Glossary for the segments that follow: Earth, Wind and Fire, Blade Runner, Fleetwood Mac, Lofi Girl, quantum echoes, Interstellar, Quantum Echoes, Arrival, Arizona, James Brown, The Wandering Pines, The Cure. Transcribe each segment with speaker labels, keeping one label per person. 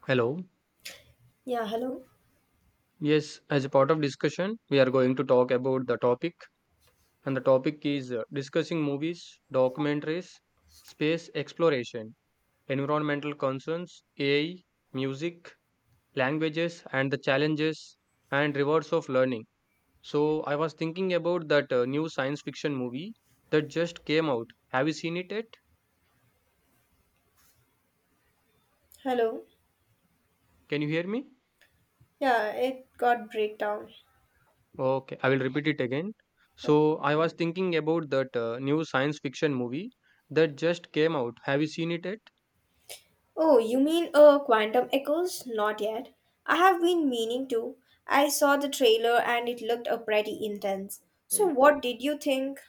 Speaker 1: Hello.
Speaker 2: Yeah, hello.
Speaker 1: Yes, as a part of discussion, we are going to talk about the topic, and the topic is discussing movies, documentaries, space exploration, environmental concerns, AI, music, languages, and the challenges and rewards of learning. So, I was thinking about that new science fiction movie that just came out. Have you seen it yet?
Speaker 2: Hello.
Speaker 1: Can you hear me?
Speaker 2: Yeah, it got breakdown.
Speaker 1: Okay, I will repeat it again. So, I was thinking about that new science fiction movie that just came out. Have you seen it yet?
Speaker 2: Oh, you mean Quantum Echoes? Not yet. I have been meaning to. I saw the trailer and it looked pretty intense. So
Speaker 1: Mm.
Speaker 2: what did you think?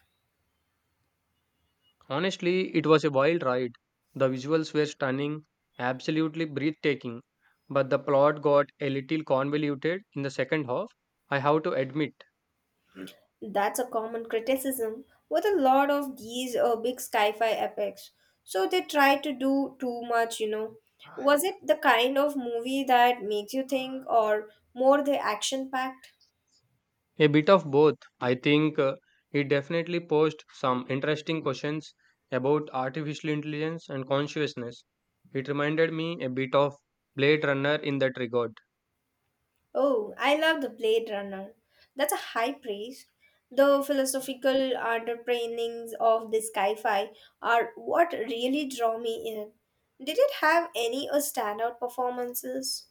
Speaker 1: Honestly, it was a wild ride. The visuals were stunning, absolutely breathtaking, but the plot got a little convoluted in the second half, I have to admit.
Speaker 2: That's a common criticism with a lot of these big sci-fi epics. So they try to do too much. Was it the kind of movie that makes you think or more the action-packed?
Speaker 1: A bit of both. I think he definitely posed some interesting questions about artificial intelligence and consciousness. It reminded me a bit of Blade Runner in that regard.
Speaker 2: Oh, I love the Blade Runner. That's a high praise. The philosophical underpinnings of this sci-fi are what really draw me in. Did it have any standout performances?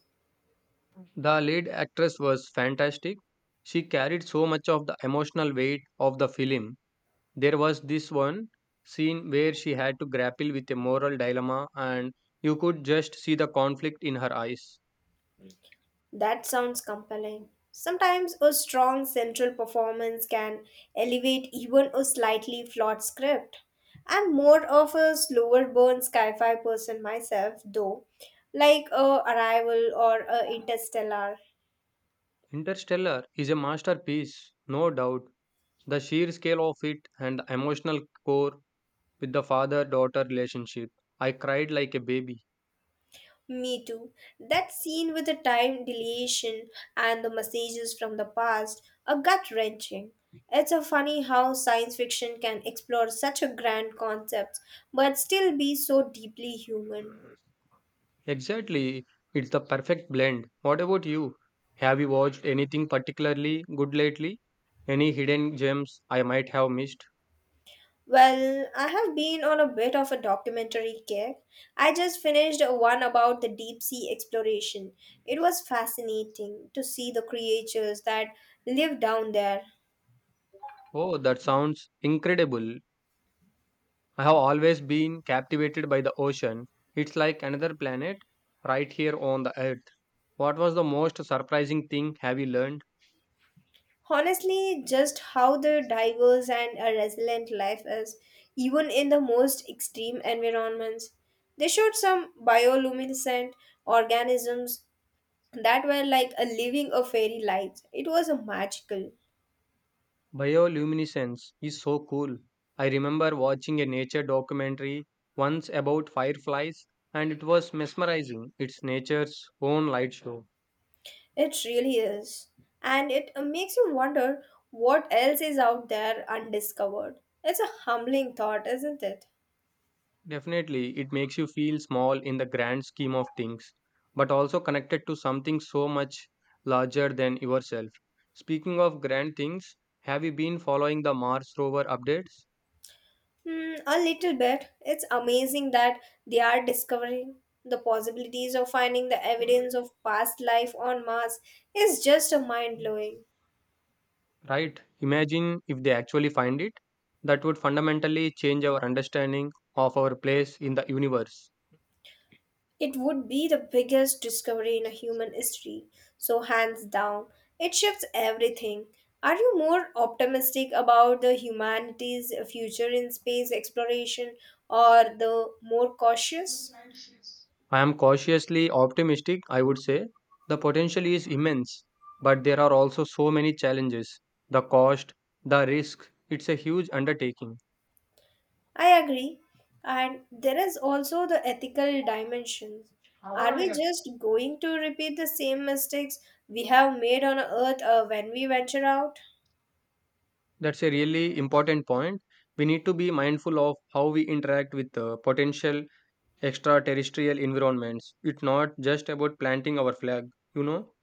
Speaker 1: The lead actress was fantastic. She carried so much of the emotional weight of the film. There was this one scene where she had to grapple with a moral dilemma, and you could just see the conflict in her eyes.
Speaker 2: That sounds compelling. Sometimes a strong central performance can elevate even a slightly flawed script. I'm more of a slower burn sci-fi person myself, though, like Arrival or Interstellar.
Speaker 1: Interstellar is a masterpiece, no doubt. The sheer scale of it and the emotional core with the father daughter relationship. I cried like a baby.
Speaker 2: Me too. That scene with the time dilation and the messages from the past are gut wrenching. It's a funny how science fiction can explore such a grand concept but still be so deeply human.
Speaker 1: Exactly, it's the perfect blend. What about you? Have you watched anything particularly good lately? Any hidden gems I might have missed?
Speaker 2: Well, I have been on a bit of a documentary kick. I just finished one about the deep sea exploration. It was fascinating to see the creatures that live down there.
Speaker 1: Oh, that sounds incredible. I have always been captivated by the ocean. It's like another planet right here on the earth. What was the most surprising thing have you learned?
Speaker 2: Honestly, just how the diverse and a resilient life is, even in the most extreme environments. They showed some bioluminescent organisms that were like a living a fairy life. It was a magical.
Speaker 1: Bioluminescence is so cool. I remember watching a nature documentary once about fireflies, and it was mesmerizing. It's nature's own light show.
Speaker 2: It really is. And it makes you wonder what else is out there undiscovered. It's a humbling thought, isn't it?
Speaker 1: Definitely, it makes you feel small in the grand scheme of things, but also connected to something so much larger than yourself. Speaking of grand things, have you been following the Mars rover updates?
Speaker 2: Hmm, a little bit. It's amazing that they are discovering the possibilities of finding the evidence of past life on Mars is just a mind blowing.
Speaker 1: Right, imagine if they actually find it. That would fundamentally change our understanding of our place in the universe.
Speaker 2: It would be the biggest discovery in a human history. So hands down, it shifts everything. Are you more optimistic about the humanity's future in space exploration or the more cautious?
Speaker 1: I am cautiously optimistic, I would say. The potential is immense, but there are also so many challenges. The cost, the risk, it's a huge undertaking.
Speaker 2: I agree. And there is also the ethical dimensions. Are we just going to repeat the same mistakes we have made on earth when we venture out?
Speaker 1: That's a really important point. We need to be mindful of how we interact with potential extraterrestrial environments. It's not just about planting our flag, you know?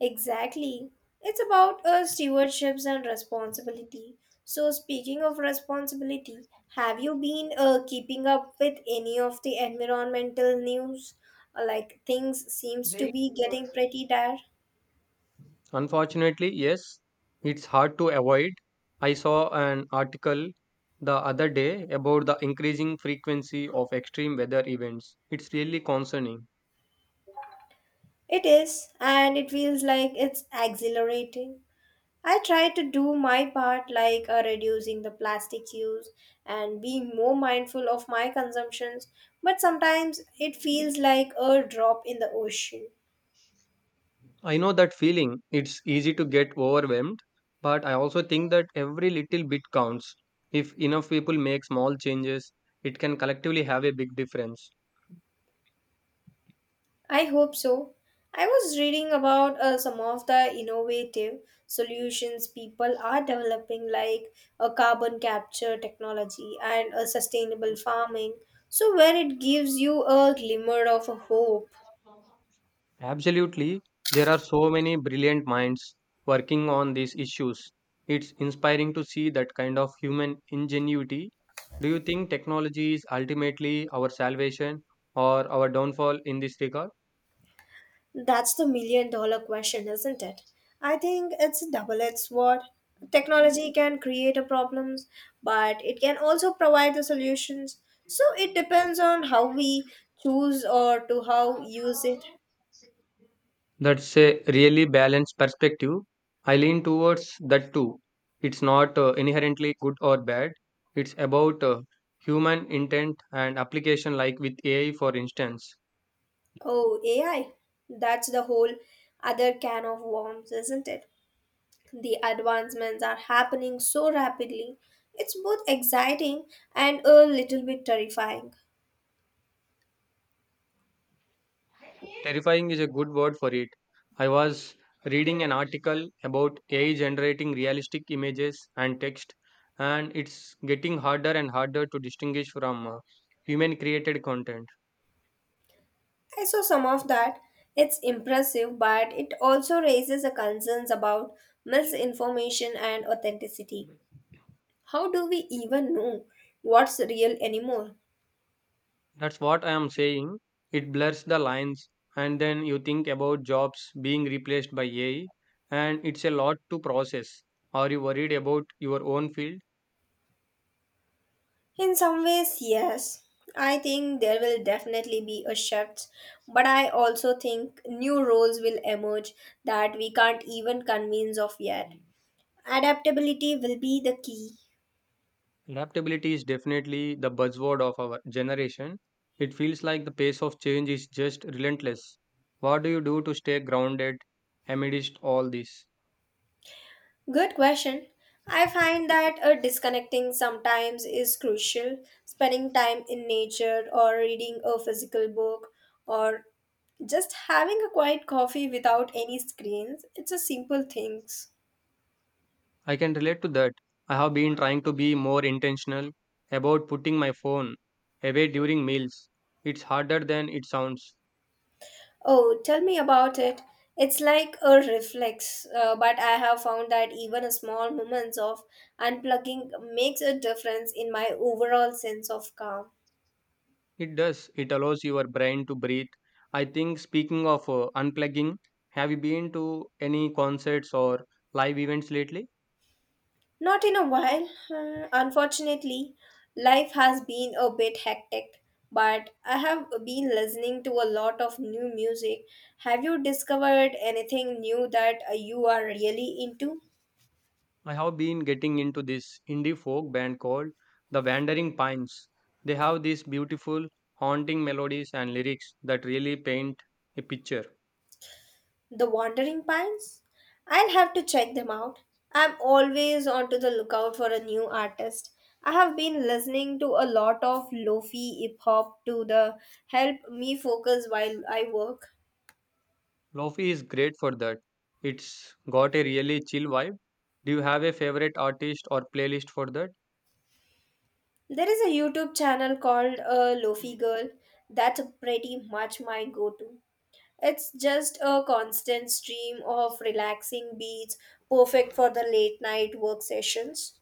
Speaker 2: Exactly. It's about stewardships and responsibility. So, speaking of responsibility, have you been keeping up with any of the environmental news? Like things seems to be getting pretty dire.
Speaker 1: Unfortunately, yes, it's hard to avoid. I saw an article the other day about the increasing frequency of extreme weather events. It's really concerning.
Speaker 2: It is, and it feels like it's exhilarating. I try to do my part, like reducing the plastic use and being more mindful of my consumptions, but sometimes it feels like a drop in the ocean.
Speaker 1: I know that feeling. It's easy to get overwhelmed, but I also think that every little bit counts. If enough people make small changes, it can collectively have a big difference.
Speaker 2: I hope so. I was reading about some of the innovative solutions people are developing, like a carbon capture technology and a sustainable farming, so where it gives you a glimmer of a hope.
Speaker 1: Absolutely. There are so many brilliant minds working on these issues. It's inspiring to see that kind of human ingenuity. Do you think technology is ultimately our salvation or our downfall in this regard?
Speaker 2: That's the million dollar question, isn't it? I think it's a double edged sword. Technology can create a problems, but it can also provide the solutions. So it depends on how we choose or to how use it.
Speaker 1: That's a really balanced perspective. I lean towards that too. It's not inherently good or bad. It's about human intent and application, like with AI, for instance.
Speaker 2: Oh, AI. That's the whole other can of worms, isn't it? The advancements are happening so rapidly. It's both exciting and a little bit terrifying.
Speaker 1: Terrifying is a good word for it. I was reading an article about AI generating realistic images and text, and it's getting harder and harder to distinguish from human created content.
Speaker 2: I saw some of that. It's impressive, but it also raises a concerns about misinformation and authenticity. How do we even know what's real anymore?
Speaker 1: That's what I am saying. It blurs the lines, and then you think about jobs being replaced by AI, and it's a lot to process. Are you worried about your own field?
Speaker 2: In some ways, yes. I think there will definitely be a shift, but I also think new roles will emerge that we can't even convince of yet. Adaptability will be the key.
Speaker 1: Adaptability is definitely the buzzword of our generation. It feels like the pace of change is just relentless. What do you do to stay grounded amidst all this?
Speaker 2: Good question. I find that disconnecting sometimes is crucial. Spending time in nature or reading a physical book or just having a quiet coffee without any screens. It's a simple things.
Speaker 1: I can relate to that. I have been trying to be more intentional about putting my phone away during meals. It's harder than it sounds.
Speaker 2: Oh, tell me about it. It's like a reflex, but I have found that even a small moments of unplugging makes a difference in my overall sense of calm.
Speaker 1: It does. It allows your brain to breathe. I think speaking of unplugging, have you been to any concerts or live events lately?
Speaker 2: Not in a while. Unfortunately, life has been a bit hectic, but I have been listening to a lot of new music. Have you discovered anything new that you are really into?
Speaker 1: I have been getting into this indie folk band called The Wandering Pines. They have these beautiful, haunting melodies and lyrics that really paint a picture.
Speaker 2: The Wandering Pines? I'll have to check them out. I'm always onto the lookout for a new artist. I have been listening to a lot of lofi hip hop to the help me focus while I work.
Speaker 1: Lofi is great for that. It's got a really chill vibe. Do you have a favorite artist or playlist for that?
Speaker 2: There is a YouTube channel called Lofi Girl. That's pretty much my go to. It's just a constant stream of relaxing beats, perfect for the late night work sessions.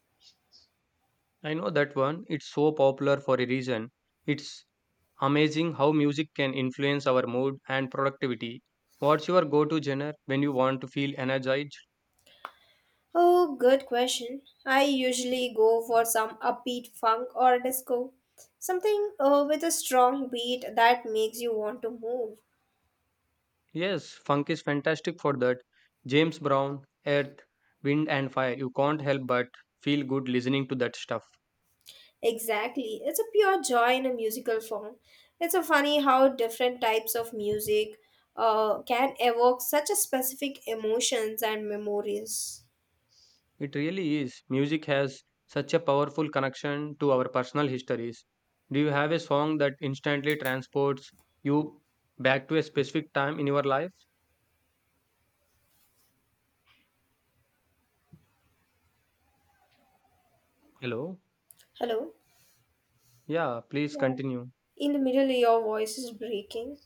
Speaker 1: I know that one. It's so popular for a reason. It's amazing how music can influence our mood and productivity. What's your go to genre when you want to feel energized?
Speaker 2: Oh, good question. I usually go for some upbeat funk or disco. Something with a strong beat that makes you want to move.
Speaker 1: Yes, funk is fantastic for that. James Brown, Earth, Wind and Fire. You can't help but feel good listening to that stuff.
Speaker 2: Exactly. It's a pure joy in a musical form. It's a funny how different types of music can evoke such a specific emotions and memories.
Speaker 1: It really is. Music has such a powerful connection to our personal histories. Do you have a song that instantly transports you back to a specific time in your life? Hello?
Speaker 2: Hello?
Speaker 1: Yeah, please
Speaker 2: Yeah.
Speaker 1: continue.
Speaker 2: In the middle, your voice is breaking.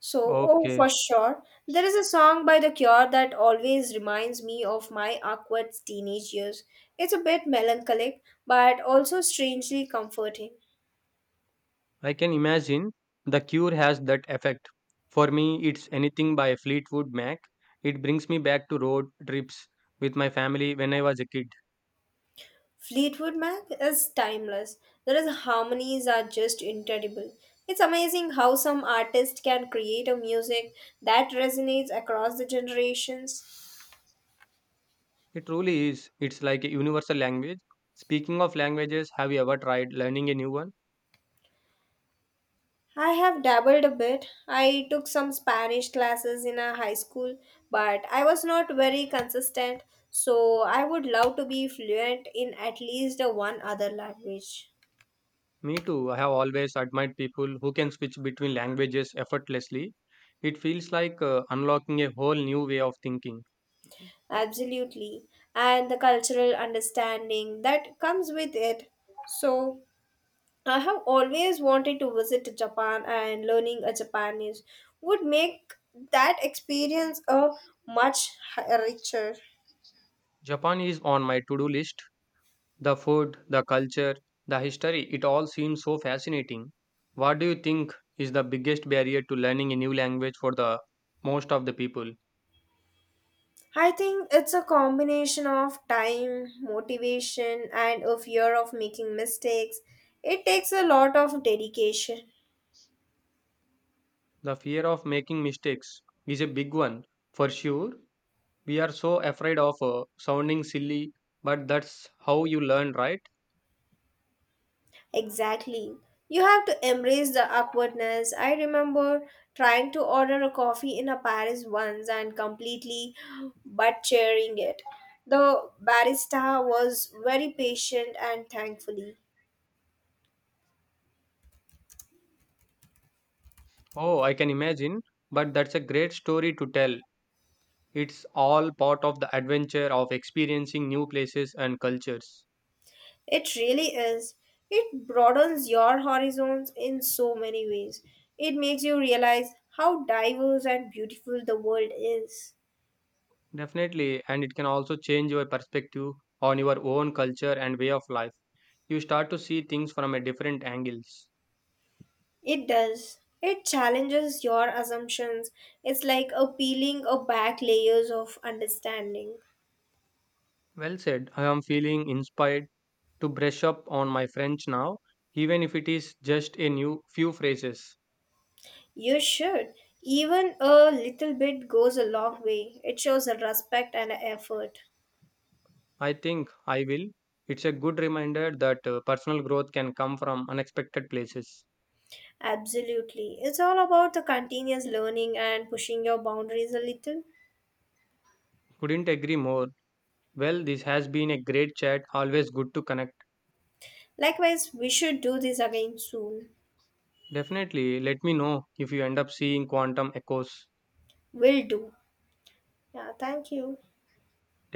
Speaker 2: So, oh,
Speaker 1: Okay.
Speaker 2: for sure. There is a song by The Cure that always reminds me of my awkward teenage years. It's a bit melancholic, but also strangely comforting.
Speaker 1: I can imagine The Cure has that effect. For me, it's anything by Fleetwood Mac. It brings me back to road trips with my family when I was a kid.
Speaker 2: Fleetwood Mac is timeless. There is harmonies are just incredible. It's amazing how some artist can create a music that resonates across the generations.
Speaker 1: It truly is. It's like a universal language. Speaking of languages, have you ever tried learning a new one?
Speaker 2: I have dabbled a bit. I took some Spanish classes in a high school, but I was not very consistent. So I would love to be fluent in at least a one other language.
Speaker 1: Me too. I have always admired people who can switch between languages effortlessly. It feels like unlocking a whole new way of thinking.
Speaker 2: Absolutely. And the cultural understanding that comes with it. So I have always wanted to visit Japan and learning a Japanese would make that experience a much richer.
Speaker 1: Japan is on my to do list. The food, the culture, the history, it all seems so fascinating. What do you think is the biggest barrier to learning a new language for the most of the people?
Speaker 2: I think it's a combination of time, motivation and a fear of making mistakes. It takes a lot of dedication.
Speaker 1: The fear of making mistakes is a big one, for sure. We are so afraid of sounding silly, but that's how you learn, right?
Speaker 2: Exactly. You have to embrace the awkwardness. I remember trying to order a coffee in a Paris once and completely butchering it. The barista was very patient and thankfully.
Speaker 1: Oh, I can imagine, but that's a great story to tell. It's all part of the adventure of experiencing new places and cultures.
Speaker 2: It really is. It broadens your horizons in so many ways. It makes you realize how diverse and beautiful the world is.
Speaker 1: Definitely, and it can also change your perspective on your own culture and way of life. You start to see things from a different angles.
Speaker 2: It does. It challenges your assumptions. It's like a peeling of back layers of understanding.
Speaker 1: Well said. I am feeling inspired to brush up on my French now, even if it is just a new few phrases.
Speaker 2: You should. Even a little bit goes a long way. It shows a respect and a effort.
Speaker 1: I think I will. It's a good reminder that personal growth can come from unexpected places.
Speaker 2: Absolutely. It's all about the continuous learning and pushing your boundaries a little.
Speaker 1: Couldn't agree more. Well, this has been a great chat. Always good to connect.
Speaker 2: Likewise, we should do this again soon.
Speaker 1: Definitely let me know if you end up seeing quantum echoes.
Speaker 2: Will do. Yeah, thank you.